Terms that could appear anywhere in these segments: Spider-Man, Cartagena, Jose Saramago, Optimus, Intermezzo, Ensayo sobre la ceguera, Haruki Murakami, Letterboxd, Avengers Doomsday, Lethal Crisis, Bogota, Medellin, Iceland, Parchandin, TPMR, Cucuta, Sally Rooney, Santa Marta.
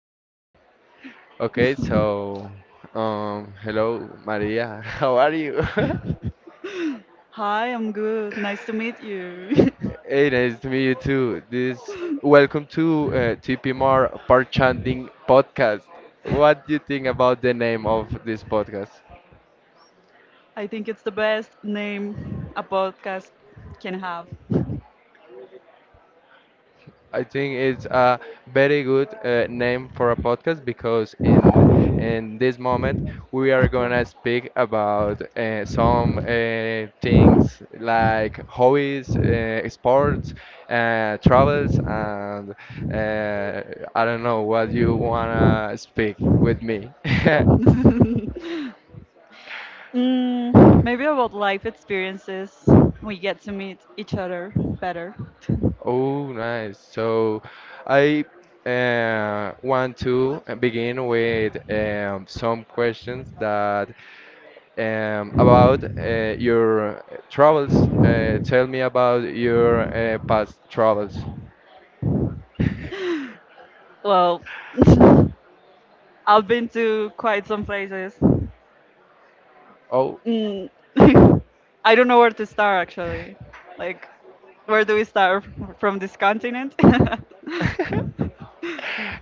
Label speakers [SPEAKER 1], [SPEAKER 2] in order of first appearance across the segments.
[SPEAKER 1] try. Okay, so hello Maria, how are you?
[SPEAKER 2] Hi, I'm good. Nice to meet you.
[SPEAKER 1] Hey, nice to meet you too. This welcome to TPMR Part Podcast. What do you think about the name of this podcast?
[SPEAKER 2] I think it's the best name a podcast can have.
[SPEAKER 1] I think it's a very good name for a podcast because in this moment we
[SPEAKER 2] I
[SPEAKER 1] are gonna
[SPEAKER 2] promise.
[SPEAKER 1] speak about some things like hobbies, sports, travels, and uh, I don't know what you wanna speak with me.
[SPEAKER 2] Maybe about life experiences, we get to meet each other better.
[SPEAKER 1] Oh, nice. So I want to begin with some questions that about your travels. Tell me about your past travels.
[SPEAKER 2] Well, I've been to quite some places.
[SPEAKER 1] Oh,
[SPEAKER 2] Mm, I don't know where to start actually. Like, where do we start from this continent?
[SPEAKER 1] uh,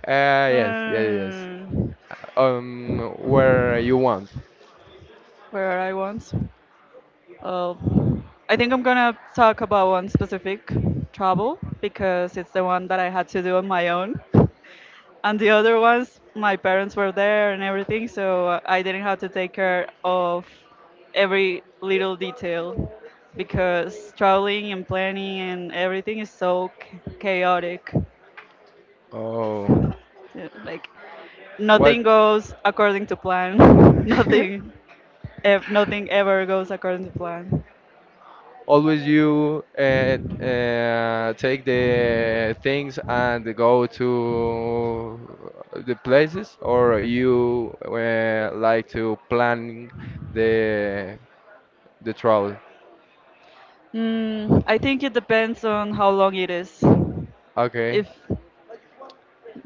[SPEAKER 1] yes, yes, yes.
[SPEAKER 2] Hmm,
[SPEAKER 1] Where you want.
[SPEAKER 2] where I once? Uh, I think I'm gonna talk about one specific travel because it's the one that I had to do on my own. And the other ones, my parents were there and everything, so I didn't have to take care of every little detail because traveling and planning and everything is so chaotic.
[SPEAKER 1] Oh,
[SPEAKER 2] Yeah, like nothing
[SPEAKER 1] what?
[SPEAKER 2] goes according to plan. nothing, nothing ever goes according to plan.
[SPEAKER 1] Always you take the things and go to the places, or you like to plan the the travel?
[SPEAKER 2] I think it depends on how long it is.
[SPEAKER 1] Okay.
[SPEAKER 2] If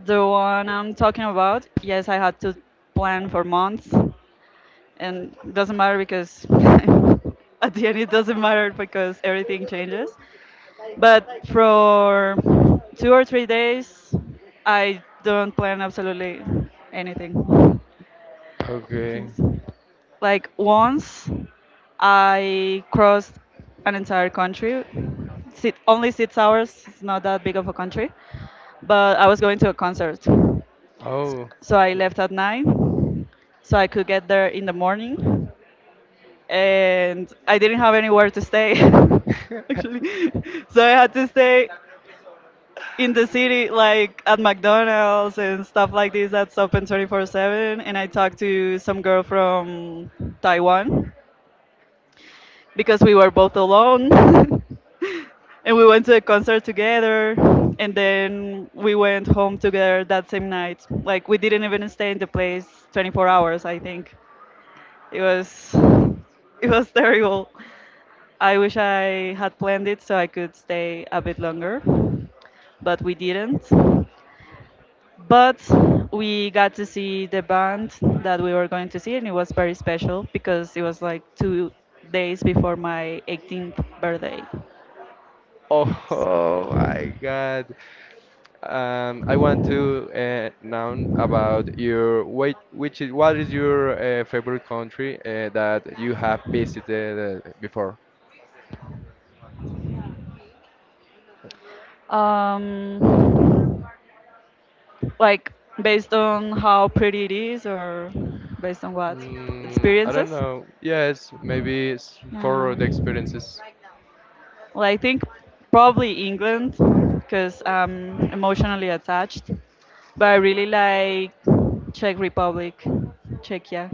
[SPEAKER 2] the one I'm talking about, yes, I had to plan for months, and it doesn't matter because at the end it doesn't matter because everything changes. But for 2 or 3 days, I don't plan absolutely anything.
[SPEAKER 1] Okay.
[SPEAKER 2] Yes. Like once I crossed an entire country. Sit, only 6 hours. It's not that big of a country, but I was going to a concert,
[SPEAKER 1] Oh.
[SPEAKER 2] so I left at 9, so I could get there in the morning, and I didn't have anywhere to stay, actually. So I had to stay in the city, like at McDonald's and stuff like this that's open 24/7. And I talked to some girl from Taiwan because we were both alone, and we went to a concert together. And then we went home together that same night. Like we didn't even stay in the place 24 hours. I think it was it was terrible. I wish I had planned it so I could stay a bit longer, but we didn't. But we got to see the band that we were going to see, and it was very special because it was like 2 days before my 18th birthday.
[SPEAKER 1] Oh
[SPEAKER 2] So,
[SPEAKER 1] my God. I want to know about your wait, which is what is your favorite country that you have visited before?
[SPEAKER 2] um, like based on how pretty it is, or based on what
[SPEAKER 1] Mm, I don't
[SPEAKER 2] experiences?
[SPEAKER 1] know. Yes, maybe it's
[SPEAKER 2] Yeah.
[SPEAKER 1] for the experiences.
[SPEAKER 2] Well, I think probably England because I'm emotionally attached, but I really like Czech Republic, Czechia.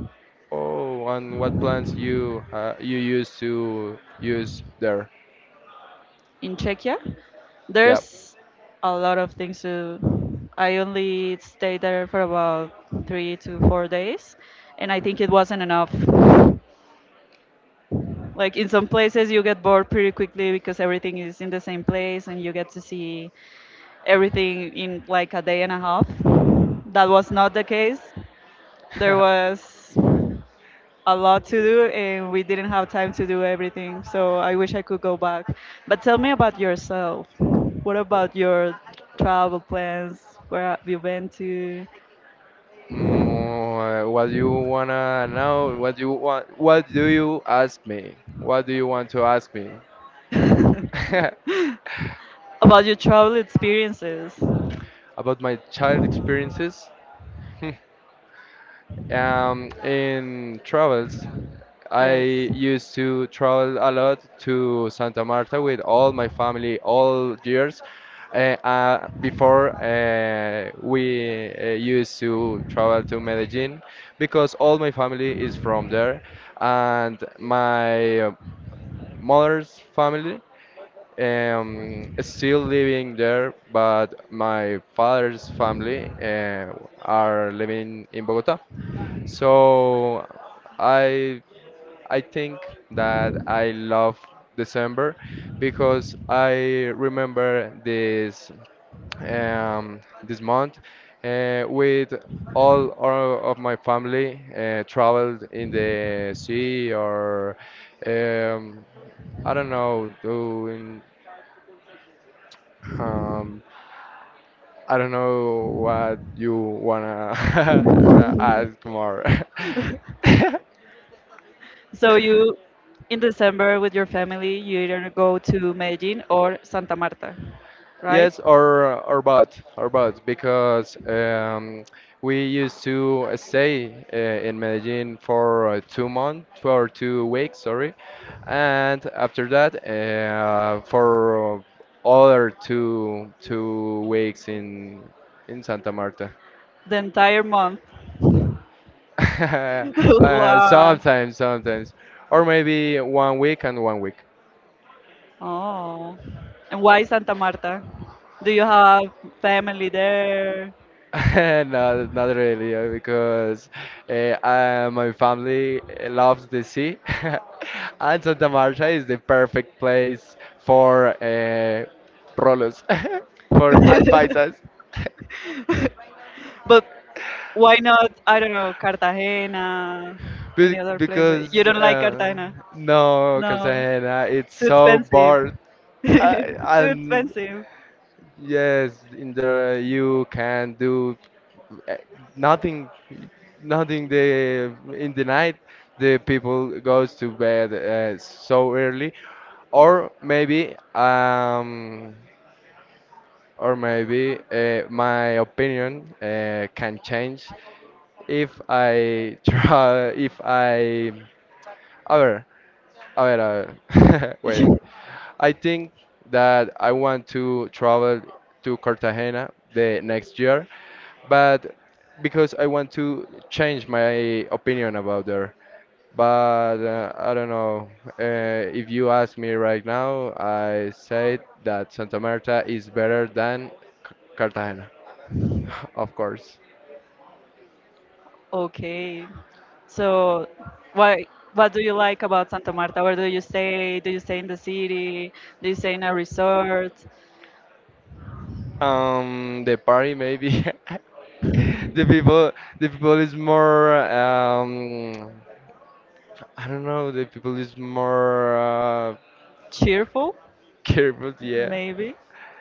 [SPEAKER 1] Oh, and what plants you you used to use there?
[SPEAKER 2] In Czechia.
[SPEAKER 1] Yep.
[SPEAKER 2] There's a lot of things to. I only stayed there for about 3 to 4 days, and I think it wasn't enough. Like in some places, you get bored pretty quickly because everything is in the same place, and you get to see everything in like a day and a half. That was not the case. There was a lot to do and we didn't have time to do everything. So I wish I could go back. But tell me about yourself. What about your travel plans? Where have you been to?
[SPEAKER 1] Mm, what you wanna know? What you want? What do you ask me? What do you want to ask me?
[SPEAKER 2] About your travel experiences.
[SPEAKER 1] About my child experiences? In travels, I
[SPEAKER 2] Yes.
[SPEAKER 1] used to travel a lot to Santa Marta with all my family all years. Before we used to travel to Medellin because all my family is from there and my mother's family is still living there, but my father's family are living in Bogota. So I I think that I love December because I remember this month with all our, of my family traveled in the sea or um, I don't know doing um, I don't know what you wanna ask more.
[SPEAKER 2] So you in December with your family, you either go to Medellin or Santa Marta, right?
[SPEAKER 1] Yes, or both, because we used to stay in Medellin for 2 months, for 2 weeks, sorry, and after that, for other two weeks in Santa Marta.
[SPEAKER 2] The entire month. Wow.
[SPEAKER 1] Sometimes, sometimes, or maybe 1 week and 1 week.
[SPEAKER 2] Oh, and why Santa Marta? Do you have family there?
[SPEAKER 1] No, not really, because uh, my family loves the sea, and Santa Marta is the perfect place for rolos, for advisors.
[SPEAKER 2] But why not, I don't know, Cartagena,
[SPEAKER 1] Be
[SPEAKER 2] any other place? You
[SPEAKER 1] because
[SPEAKER 2] don't like Cartagena?
[SPEAKER 1] no,
[SPEAKER 2] No,
[SPEAKER 1] Cartagena, it's
[SPEAKER 2] too
[SPEAKER 1] so
[SPEAKER 2] expensive.
[SPEAKER 1] bored,
[SPEAKER 2] Too
[SPEAKER 1] and
[SPEAKER 2] expensive.
[SPEAKER 1] yes, in there you can do uh, nothing, nothing. The in the night, the people goes to bed so early, or maybe, um, or maybe my opinion can change if I try, if I, a ver, a ver, a ver, wait. I think that I want to travel to Cartagena the next year, but because I want to change my opinion about there. But I don't know. If you ask me right now, I say that Santa Marta is better than Cartagena, of course.
[SPEAKER 2] Okay. So, what what do you like about Santa Marta? Where do you stay? Do you stay in the city? Do you stay in a resort?
[SPEAKER 1] The party maybe. The people is more I don't know, the people is more
[SPEAKER 2] Cheerful,
[SPEAKER 1] careful, yeah.
[SPEAKER 2] maybe?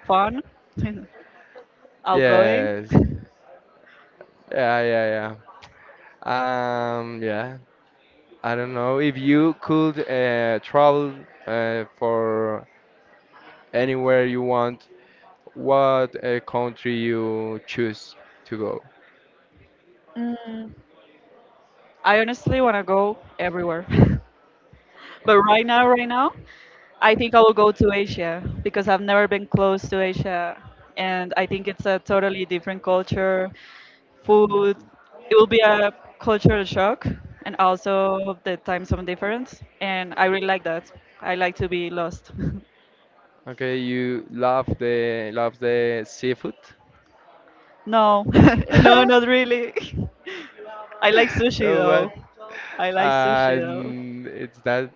[SPEAKER 2] Fun? Outgoing.
[SPEAKER 1] Yes. Yeah, yeah, yeah. Yeah. I don't know. If you could travel for anywhere you want, what country you choose to go?
[SPEAKER 2] Mm, I honestly want to go everywhere. But right now, I think I will go to Asia because I've never been close to Asia. And I think it's a totally different culture, food. It will be a cultural shock and also the time zone difference. And I really like that. I like to be lost.
[SPEAKER 1] Okay, you love the seafood?
[SPEAKER 2] No, no, not really. I like sushi
[SPEAKER 1] So what?
[SPEAKER 2] though. I like sushi though.
[SPEAKER 1] And it's that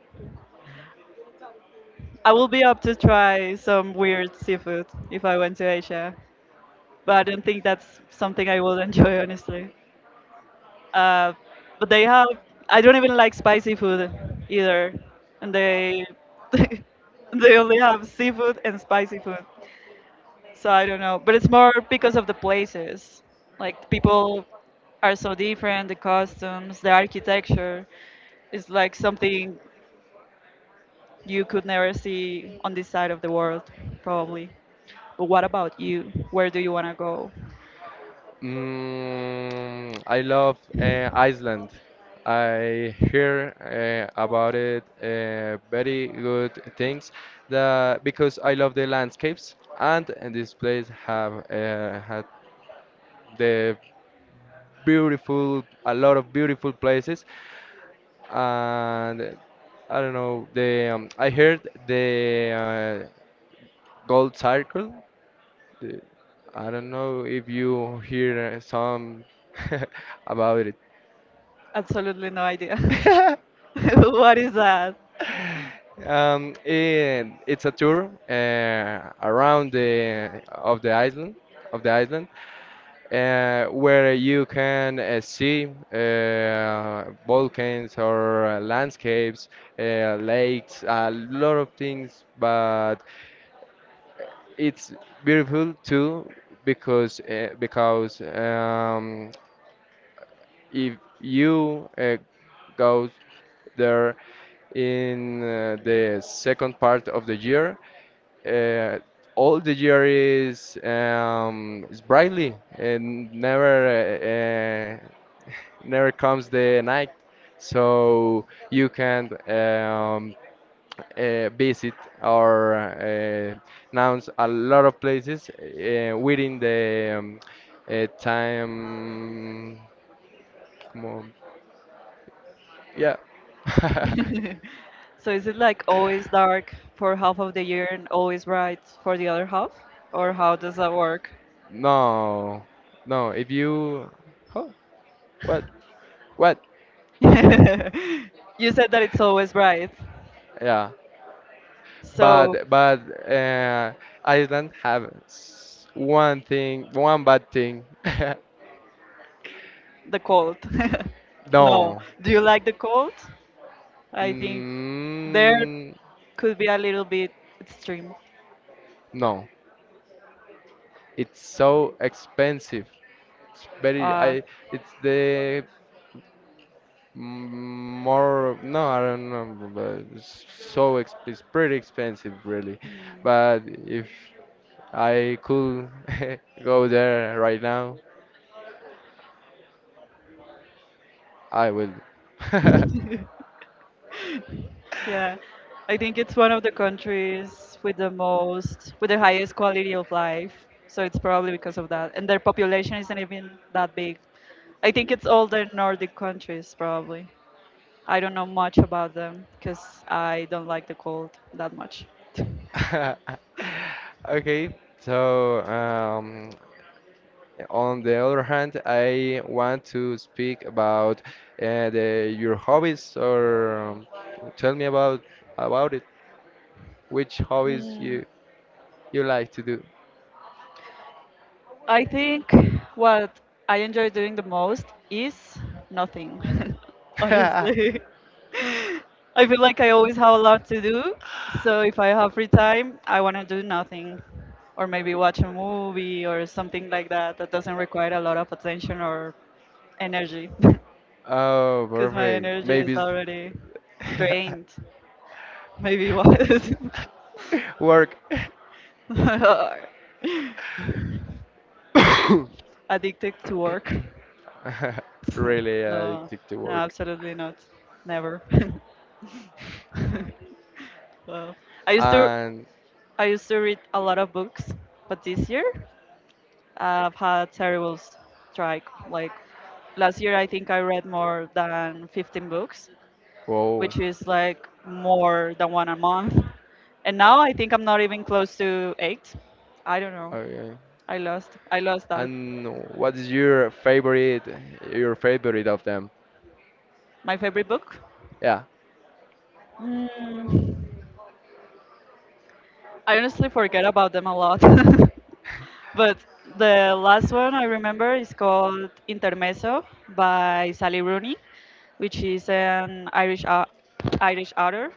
[SPEAKER 2] I will be up to try some weird seafood if I went to Asia, but I don't think that's something I will enjoy, honestly. Uh, but they have, I don't even like spicy food either, and they they only have seafood and spicy food. So I don't know, but it's more because of the places. Like people are so different, the customs, the architecture. It's like something you could never see on this side of the world, probably. But what about you? Where do you want to go?
[SPEAKER 1] mm, I love Iceland. I hear about it very good things that because I love the landscapes and this place have had the beautiful a lot of beautiful places and I don't know the I heard the gold circle the, I don't know if you hear some about it
[SPEAKER 2] Absolutely no idea. What is that?
[SPEAKER 1] It, it's a tour around the of the island where you can see volcans or landscapes, lakes, a lot of things. But it's beautiful too because if you go there in the second part of the year, uh, all the year is brightly and uh, uh, never comes the night, so you can visit or announce a lot of places within the time. Como yeah.
[SPEAKER 2] So is it like always dark for half of the year and always bright for the other half? Or how does that work?
[SPEAKER 1] No, no. If you, oh, what, what?
[SPEAKER 2] You said that it's always bright.
[SPEAKER 1] Yeah,
[SPEAKER 2] So
[SPEAKER 1] but uh, Iceland have one thing, one bad thing.
[SPEAKER 2] the cold. No.
[SPEAKER 1] No,
[SPEAKER 2] Do you like the cold? I think there
[SPEAKER 1] mm,
[SPEAKER 2] could be a little bit extreme.
[SPEAKER 1] no. It's so expensive. It's very.
[SPEAKER 2] Uh,
[SPEAKER 1] I. It's the mm, more. No, I don't know. But it's so exp. It's pretty expensive, really. But if I could go there right now. I will.
[SPEAKER 2] yeah, I think it's one of the countries with the most, with the highest quality of life. So it's probably because of that. And their population isn't even that big. I think it's all the Nordic countries, probably. I don't know much about them because I don't like the cold that much.
[SPEAKER 1] Okay, so on the other hand, I want to speak about your hobbies or tell me about it. Which hobbies you you like to do?
[SPEAKER 2] I think what I enjoy doing the most is nothing, honestly. I feel like I always have a lot to do. So if I have free time, I want to do nothing or maybe watch a movie or something like that that doesn't require a lot of attention or energy because
[SPEAKER 1] Oh,
[SPEAKER 2] my
[SPEAKER 1] perfect.
[SPEAKER 2] energy is
[SPEAKER 1] Maybe
[SPEAKER 2] already
[SPEAKER 1] it's
[SPEAKER 2] drained. Maybe what
[SPEAKER 1] work.
[SPEAKER 2] addicted to work.
[SPEAKER 1] Really
[SPEAKER 2] No,
[SPEAKER 1] addicted to
[SPEAKER 2] no,
[SPEAKER 1] work.
[SPEAKER 2] absolutely not. Never. Well, I used to
[SPEAKER 1] And
[SPEAKER 2] I used to read a lot of books, but this year I've had terrible strike. Like last year, I think I read more than 15 books,
[SPEAKER 1] wow.
[SPEAKER 2] which is like more than one a month. And now I think I'm not even close to eight. I don't know.
[SPEAKER 1] Okay.
[SPEAKER 2] I lost. I lost that.
[SPEAKER 1] And what is your favorite of them?
[SPEAKER 2] My favorite book?
[SPEAKER 1] Yeah.
[SPEAKER 2] Mm. I honestly forget about them a lot. But the last one I remember is called Intermezzo by Sally Rooney, which is an Irish author,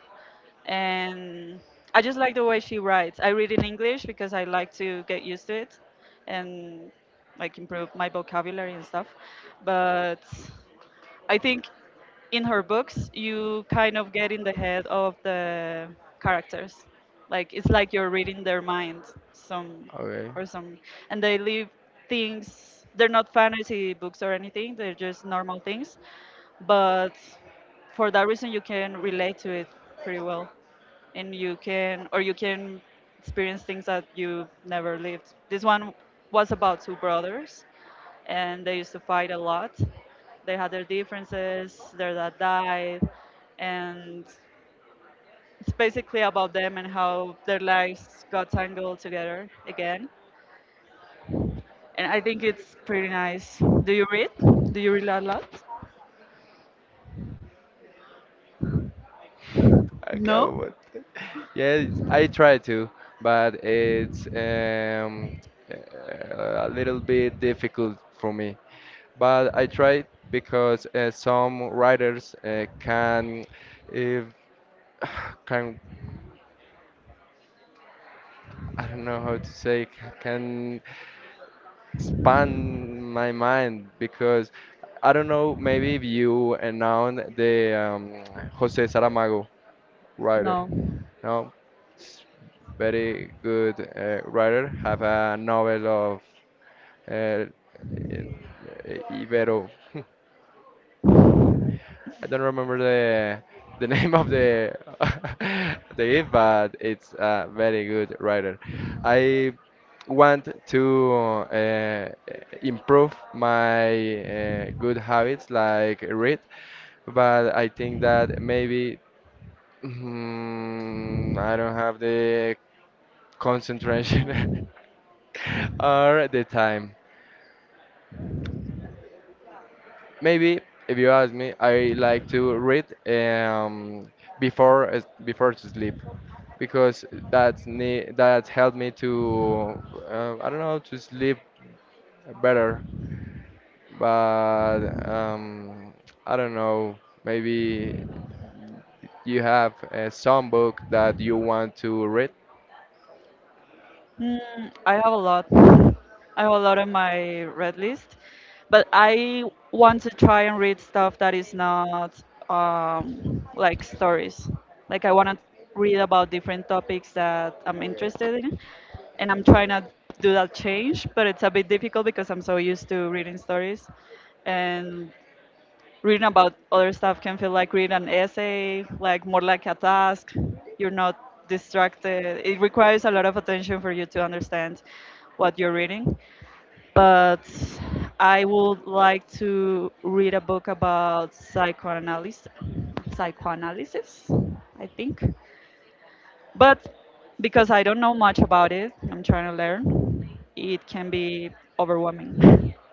[SPEAKER 2] and I just like the way she writes. I read in English because I like to get used to it and like improve my vocabulary and stuff. But I think in her books you kind of get in the head of the characters. Like it's like you're reading their mind some
[SPEAKER 1] Okay.
[SPEAKER 2] or some and they leave things they're not fantasy books or anything, they're just normal things. But for that reason you can relate to it pretty well and you can or you can experience things that you never lived. This one was about two brothers and they used to fight a lot. They had their differences, their dad died, and it's basically about them and how their lives got tangled together again. And I think it's pretty nice. Do you read? Do you read a lot?
[SPEAKER 1] I
[SPEAKER 2] No?
[SPEAKER 1] can't. What? Yes, I try to, but it's a little bit difficult for me. But I try because some writers can, if can I don't know how to say, can expand my mind because I don't know, maybe if you announced the um, Jose Saramago writer,
[SPEAKER 2] No.
[SPEAKER 1] no, it's very good writer, have a novel of uh, in- Ibero. I don't remember the name of the the it, but it's a very good writer. I want to uh, improve my good habits like read, but I think that maybe mm, I don't have the concentration or the time. Maybe if you ask me, I like to read before before to sleep because that helped me to I don't know to sleep better. But I don't know. Maybe you have some book that you want to read.
[SPEAKER 2] I have a lot. I have a lot on my read list, but I want to try and read stuff that is not like stories. Like I want to read about different topics that I'm
[SPEAKER 1] Okay.
[SPEAKER 2] interested in, and I'm trying to do that change, but it's a bit difficult because I'm so used to reading stories, and reading about other stuff can feel like reading an essay, like more like a task. You're not distracted. It requires a lot of attention for you to understand what you're reading. But I would like to read a book about psychoanalysis, psychoanalysis, I think. But because I don't know much about it, I'm trying to learn. It can be overwhelming.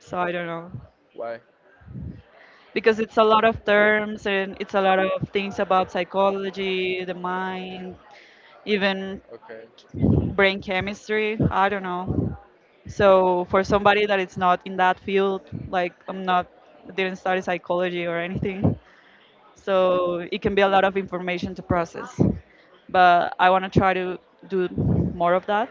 [SPEAKER 2] So I don't know.
[SPEAKER 1] Why?
[SPEAKER 2] Because it's a lot of terms and it's a lot of things about psychology, the mind, even
[SPEAKER 1] Okay.
[SPEAKER 2] brain chemistry. I don't know. So for somebody that is not in that field, like I'm not, didn't study psychology or anything, so it can be a lot of information to process. But I want to try to do more of that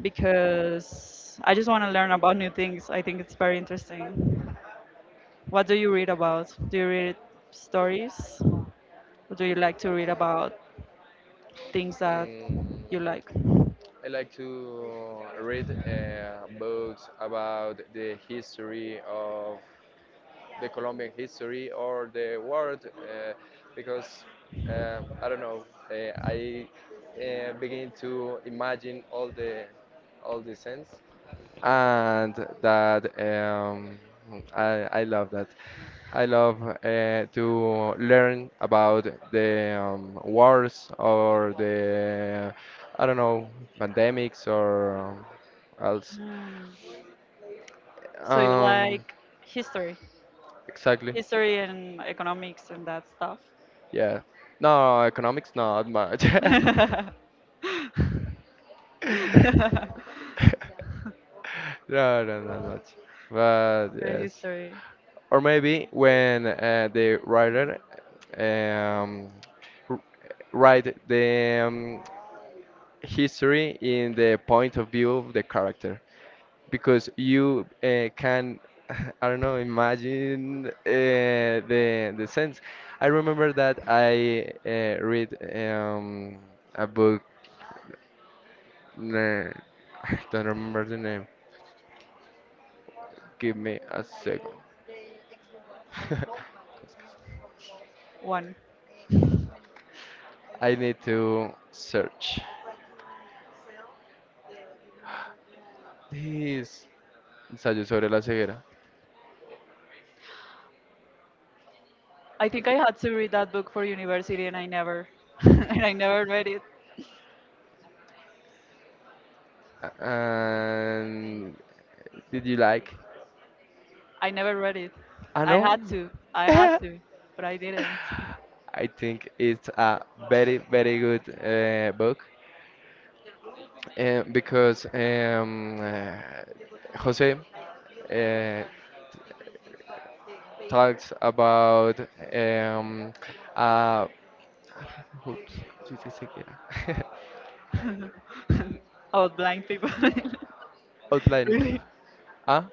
[SPEAKER 2] because I just want to learn about new things. I think it's very interesting. What do you read about? Do you read stories? Or do you like to read about things that
[SPEAKER 1] Mm,
[SPEAKER 2] you like?
[SPEAKER 1] I like to read books about the history of the Colombian history or the world because I don't know. I begin to imagine all the sense, and that I love that. I love to learn about the wars or the I don't know pandemics or else.
[SPEAKER 2] Hmm. So you
[SPEAKER 1] Um,
[SPEAKER 2] like history,
[SPEAKER 1] exactly.
[SPEAKER 2] history and economics and that stuff.
[SPEAKER 1] Yeah. No, economics not much. No, no, not much. But
[SPEAKER 2] Real
[SPEAKER 1] yes.
[SPEAKER 2] history
[SPEAKER 1] Or maybe when the writer um, r- write the history in the point of view of the character, because you can, I don't know, imagine the sense. I remember that I read a book nah, I don't remember the name. Give me a second.
[SPEAKER 2] one.
[SPEAKER 1] I need to search. This ensayo sobre la ceguera.
[SPEAKER 2] I think I had to read that book for university and I never and I never read it.
[SPEAKER 1] And did you like?
[SPEAKER 2] I never read it.
[SPEAKER 1] I
[SPEAKER 2] I had
[SPEAKER 1] know.
[SPEAKER 2] to. I had
[SPEAKER 1] I
[SPEAKER 2] to, but I didn't.
[SPEAKER 1] think it's a very, very good book because Jose uh, talks about um, a Oops, sí, sí, sí, yeah.
[SPEAKER 2] About blind people.
[SPEAKER 1] Outline
[SPEAKER 2] Really?
[SPEAKER 1] ah,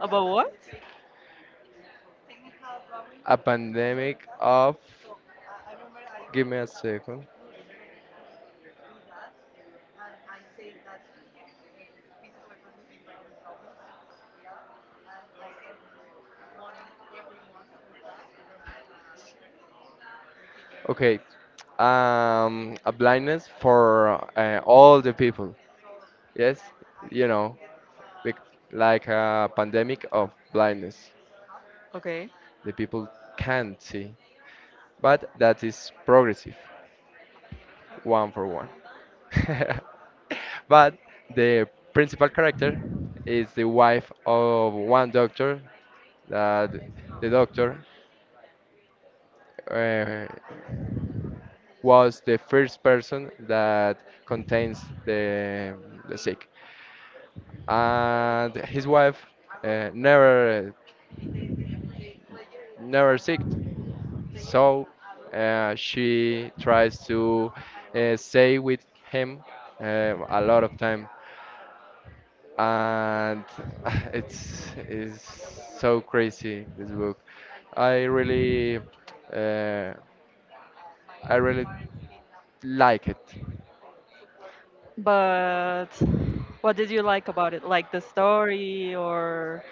[SPEAKER 2] About what?
[SPEAKER 1] a pandemic of, give me a second. Okay, a blindness for all the people. Yes, you know, bec- like a pandemic of blindness.
[SPEAKER 2] Okay.
[SPEAKER 1] The people can't see, but that is progressive, one for one. But the principal character is the wife of one doctor. That the doctor uh, was the first person that contains the sick, and his wife uh, never never sick, so she tries to stay with him a lot of time and it's is so crazy this book. I really uh, I really like it.
[SPEAKER 2] But what did you like about it? Like the story, or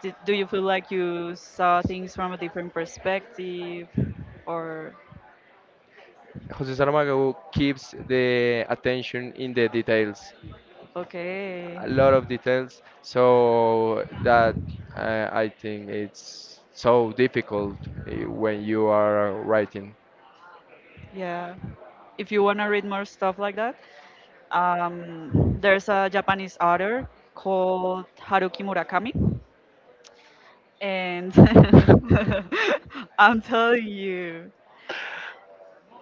[SPEAKER 2] do you feel like you saw things from a different perspective? Or,
[SPEAKER 1] Jose Saramago keeps the attention in the details,
[SPEAKER 2] okay,
[SPEAKER 1] a lot of details, so that I think it's so difficult when you are writing.
[SPEAKER 2] yeah. If you want to read more stuff like that, there's a Japanese author called Haruki Murakami. And I'm telling you.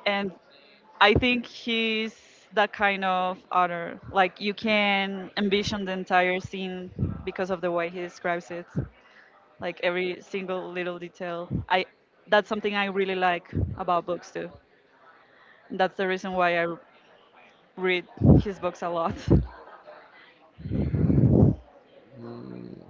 [SPEAKER 2] And I think he's that kind of author. Like you can envision the entire scene because of the way he describes it, like every single little detail. I that's something I really like about books too. That's the reason why I read his books a lot.
[SPEAKER 1] Mm,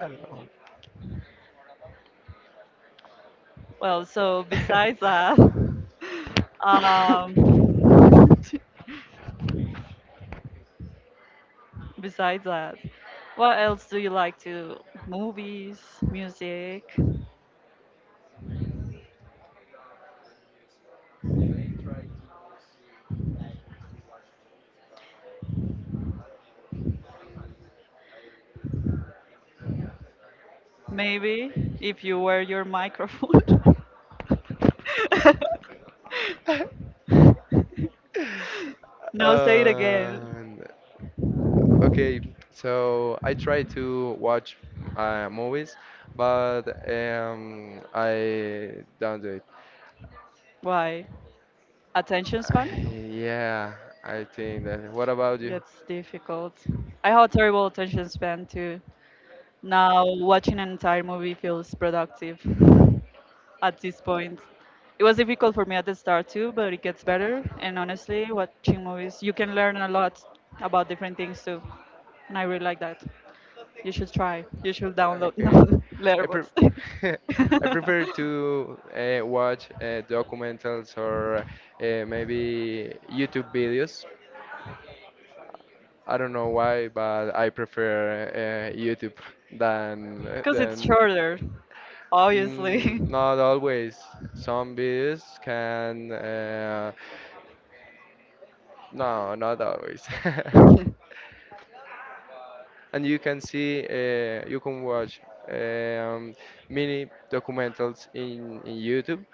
[SPEAKER 1] I don't
[SPEAKER 2] Well, so
[SPEAKER 1] know.
[SPEAKER 2] um, besides that, what else do you like to? Movies, music. Maybe if you wear your microphone. No, say it again.
[SPEAKER 1] Um, okay, so I try to watch movies, but I don't do it.
[SPEAKER 2] Why? Attention
[SPEAKER 1] I-
[SPEAKER 2] span?
[SPEAKER 1] yeah, I think that. What about you?
[SPEAKER 2] That's difficult. I have a terrible attention span too. Now, watching an entire movie feels productive at this point. It was difficult for me at the start too, but it gets better. And honestly, watching movies, you can learn a lot about different things too. And I really like that. You should try. You should download no,
[SPEAKER 1] Okay, I pre
[SPEAKER 2] Letterboxd.
[SPEAKER 1] I prefer to watch documentals or maybe YouTube videos. I don't know why, but I prefer YouTube than
[SPEAKER 2] Because it's
[SPEAKER 1] than
[SPEAKER 2] shorter, obviously.
[SPEAKER 1] mm, not always. Some bees can. No, not always. And you can see, you can watch um, mini documentals in YouTube,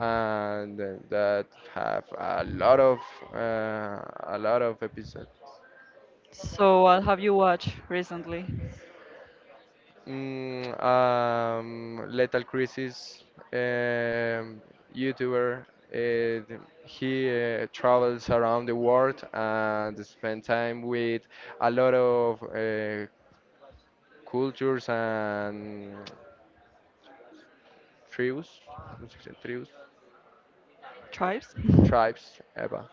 [SPEAKER 1] and that have uh, a lot of episodes
[SPEAKER 2] So, what have you watched recently?
[SPEAKER 1] mm, Lethal Crisis um, YouTuber. He travels around the world and spend time with a lot of cultures and tribes, ¿cómo se dice? Tribes,
[SPEAKER 2] Tribes?
[SPEAKER 1] tribes, ever,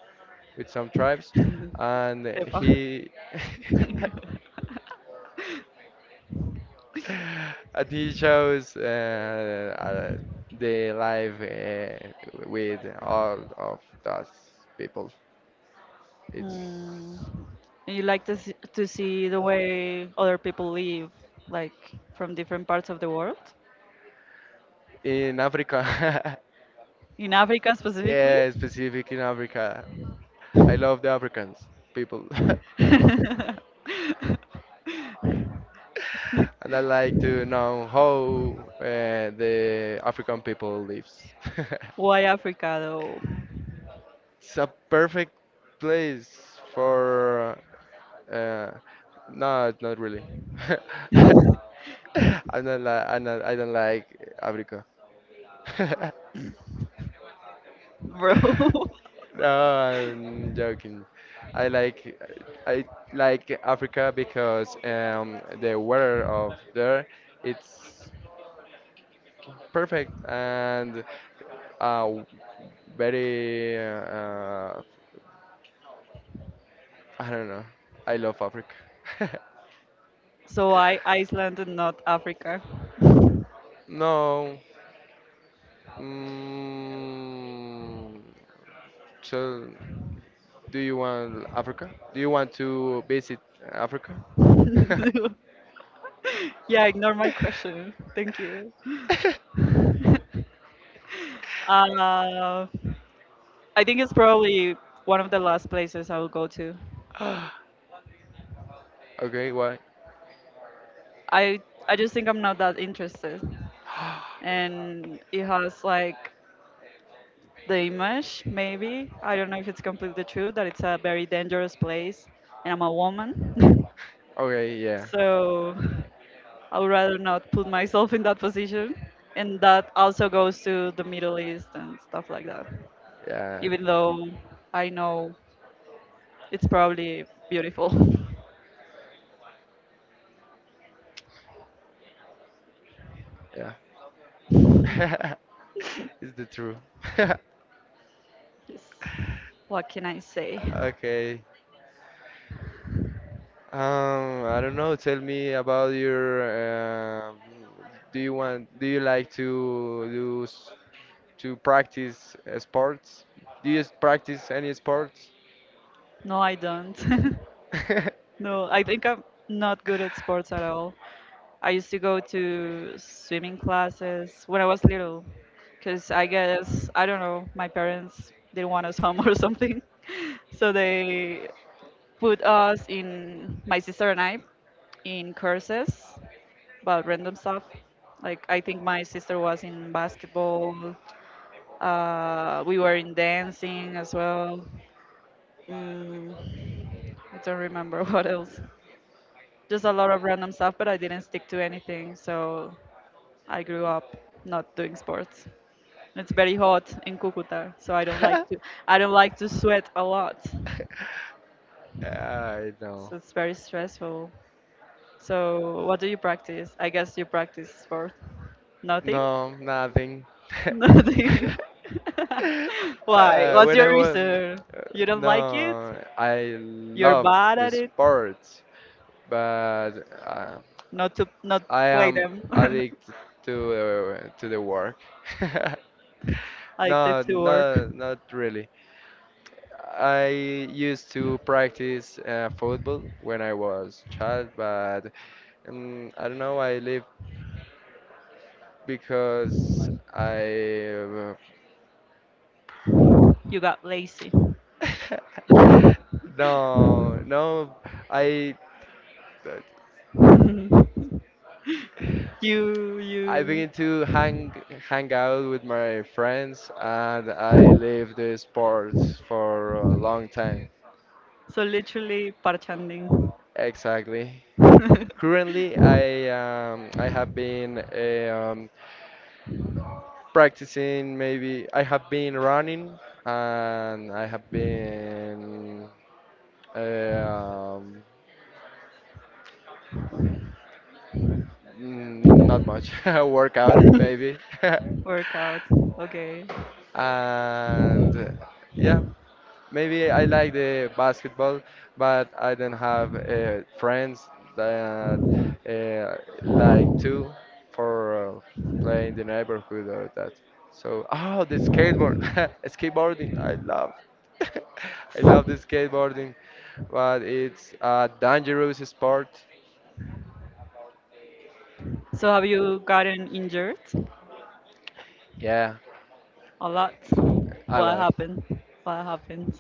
[SPEAKER 1] with some tribes, and
[SPEAKER 2] Epa.
[SPEAKER 1] he and he shows the life with all of those people.
[SPEAKER 2] Mm.
[SPEAKER 1] It's
[SPEAKER 2] And you like to see the way other people live, like from different parts of the world,
[SPEAKER 1] in Africa,
[SPEAKER 2] in Africa specifically.
[SPEAKER 1] yeah, specific in Africa. I love the Africans people, and I like to know how the African people lives.
[SPEAKER 2] Why Africa though,
[SPEAKER 1] It's a perfect place for uh, no, not really. I don't like abrico.
[SPEAKER 2] bro?
[SPEAKER 1] No, I'm joking. I like I like Africa because the weather of there it's perfect and uh, very I don't know. I love Africa.
[SPEAKER 2] So I Iceland and not Africa.
[SPEAKER 1] No. Mm, so do you want Africa? Do you want to visit Africa?
[SPEAKER 2] Yeah, ignore my question. Thank you. Uh, I think it's probably one of the last places I will go to.
[SPEAKER 1] Okay, why?
[SPEAKER 2] I I just think I'm not that interested, and it has like the image maybe I don't know if it's completely true that it's a very dangerous place, and I'm a woman,
[SPEAKER 1] Okay, yeah,
[SPEAKER 2] so I would rather not put myself in that position, and that also goes to the Middle East and stuff like that.
[SPEAKER 1] yeah,
[SPEAKER 2] Even though I know it's probably beautiful.
[SPEAKER 1] yeah. It's the truth.
[SPEAKER 2] Yes. What can I say?
[SPEAKER 1] Okay. I don't know. Tell me about your do you want? Do you like to to practice sports? Do you practice any sports?
[SPEAKER 2] No, I don't. No, I think I'm not good at sports at all. I used to go to swimming classes when I was little, because I guess, I don't know, my parents didn't want us home or something. So they put us in, my sister and I, in courses about random stuff. Like, I think my sister was in basketball, we were in dancing as well. Mm, I don't remember what else. Just a lot of random stuff, but I didn't stick to anything. So I grew up not doing sports. It's very hot in Cucuta, so I don't like to sweat a lot.
[SPEAKER 1] I know.
[SPEAKER 2] So it's very stressful. So what do you practice? I guess you practice sport. Nothing?
[SPEAKER 1] No, nothing.
[SPEAKER 2] Nothing. Why?
[SPEAKER 1] uh,
[SPEAKER 2] What's
[SPEAKER 1] when
[SPEAKER 2] your
[SPEAKER 1] I was,
[SPEAKER 2] reason? You don't like it?
[SPEAKER 1] no, I
[SPEAKER 2] You're
[SPEAKER 1] love
[SPEAKER 2] bad
[SPEAKER 1] the
[SPEAKER 2] at it?
[SPEAKER 1] sports, but uh,
[SPEAKER 2] Not to not
[SPEAKER 1] I
[SPEAKER 2] like
[SPEAKER 1] am
[SPEAKER 2] them.
[SPEAKER 1] addicted to to the work.
[SPEAKER 2] Like the
[SPEAKER 1] No,
[SPEAKER 2] to work.
[SPEAKER 1] no, not really. I used to practice football when I was child, but I don't know. I live because I.
[SPEAKER 2] You got lazy.
[SPEAKER 1] No, no. I
[SPEAKER 2] You
[SPEAKER 1] I
[SPEAKER 2] you
[SPEAKER 1] begin to hang out with my friends, and I leave the sports for a long time.
[SPEAKER 2] so literally parchanding
[SPEAKER 1] Exactly. Currently, I have been practicing. Maybe I have been running, and I have been eh, um, not much workout maybe,
[SPEAKER 2] workouts. Okay.
[SPEAKER 1] and yeah. Maybe I like the basketball, but I don't have friends that uh, like to for playing the neighborhood or that. So, oh, the skateboard, skateboarding, I love. I love the skateboarding, but it's a dangerous sport.
[SPEAKER 2] So have you gotten injured
[SPEAKER 1] Yeah,
[SPEAKER 2] a lot?
[SPEAKER 1] a
[SPEAKER 2] What
[SPEAKER 1] lot.
[SPEAKER 2] happened? What happened?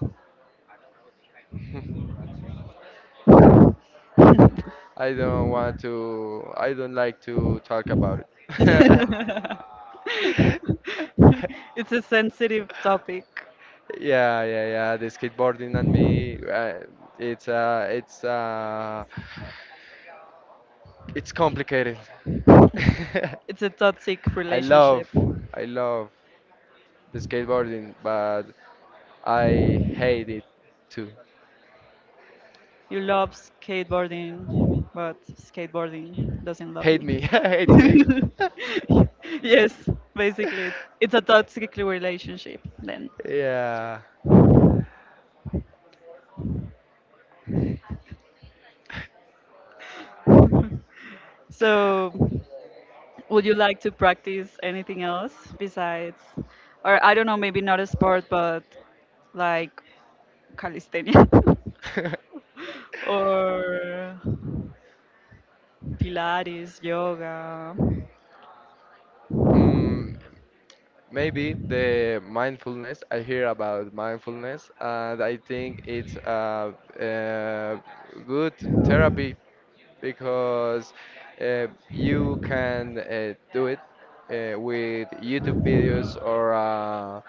[SPEAKER 1] I don't want to, I don't like to talk about it.
[SPEAKER 2] It's a sensitive topic.
[SPEAKER 1] Yeah, yeah, yeah. The skateboarding and me, it's uh, it's uh, it's complicated.
[SPEAKER 2] It's a toxic
[SPEAKER 1] I love,
[SPEAKER 2] relationship.
[SPEAKER 1] I love the skateboarding, but I hate it too.
[SPEAKER 2] You love skateboarding, but skateboarding doesn't love
[SPEAKER 1] Hate me,
[SPEAKER 2] you.
[SPEAKER 1] hates me.
[SPEAKER 2] Yes, basically, it's a toxic relationship then.
[SPEAKER 1] Yeah.
[SPEAKER 2] So, would you like to practice anything else besides, or I don't know, maybe not a sport, but like calisthenia or Pilates, yoga?
[SPEAKER 1] Mm, maybe the mindfulness, I hear about mindfulness, and I think it's a good therapy because uh, you can do it with YouTube videos or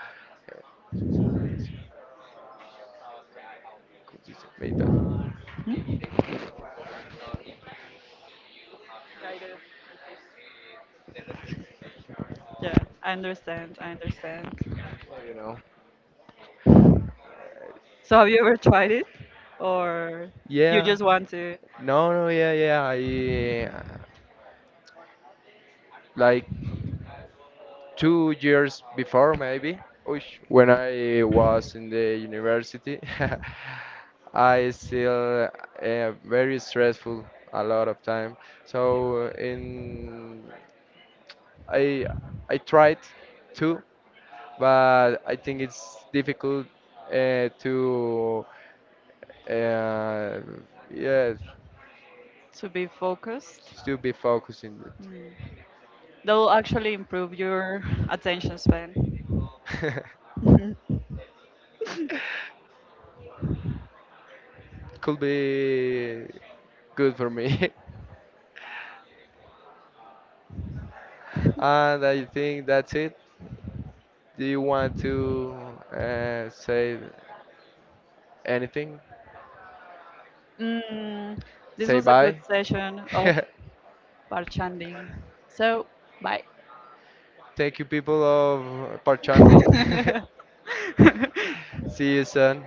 [SPEAKER 1] made that,
[SPEAKER 2] Hmm? Yeah, I understand. I understand.
[SPEAKER 1] you know.
[SPEAKER 2] So, have you ever tried it, or you
[SPEAKER 1] Yeah,
[SPEAKER 2] just want to
[SPEAKER 1] no, no, yeah, yeah. I like 2 years before maybe uish, when I was in the university I still very stressful a lot of time so in I I tried to but I think it's difficult to uh, yeah
[SPEAKER 2] to be focused?
[SPEAKER 1] to be focusing
[SPEAKER 2] That will actually improve your attention span.
[SPEAKER 1] it could be good for me and I think that's it. Do you want to say anything?
[SPEAKER 2] Mm, this
[SPEAKER 1] Say
[SPEAKER 2] was a good
[SPEAKER 1] bye.
[SPEAKER 2] session of bartending. So, bye.
[SPEAKER 1] Thank you, people of Parchandin. See you soon.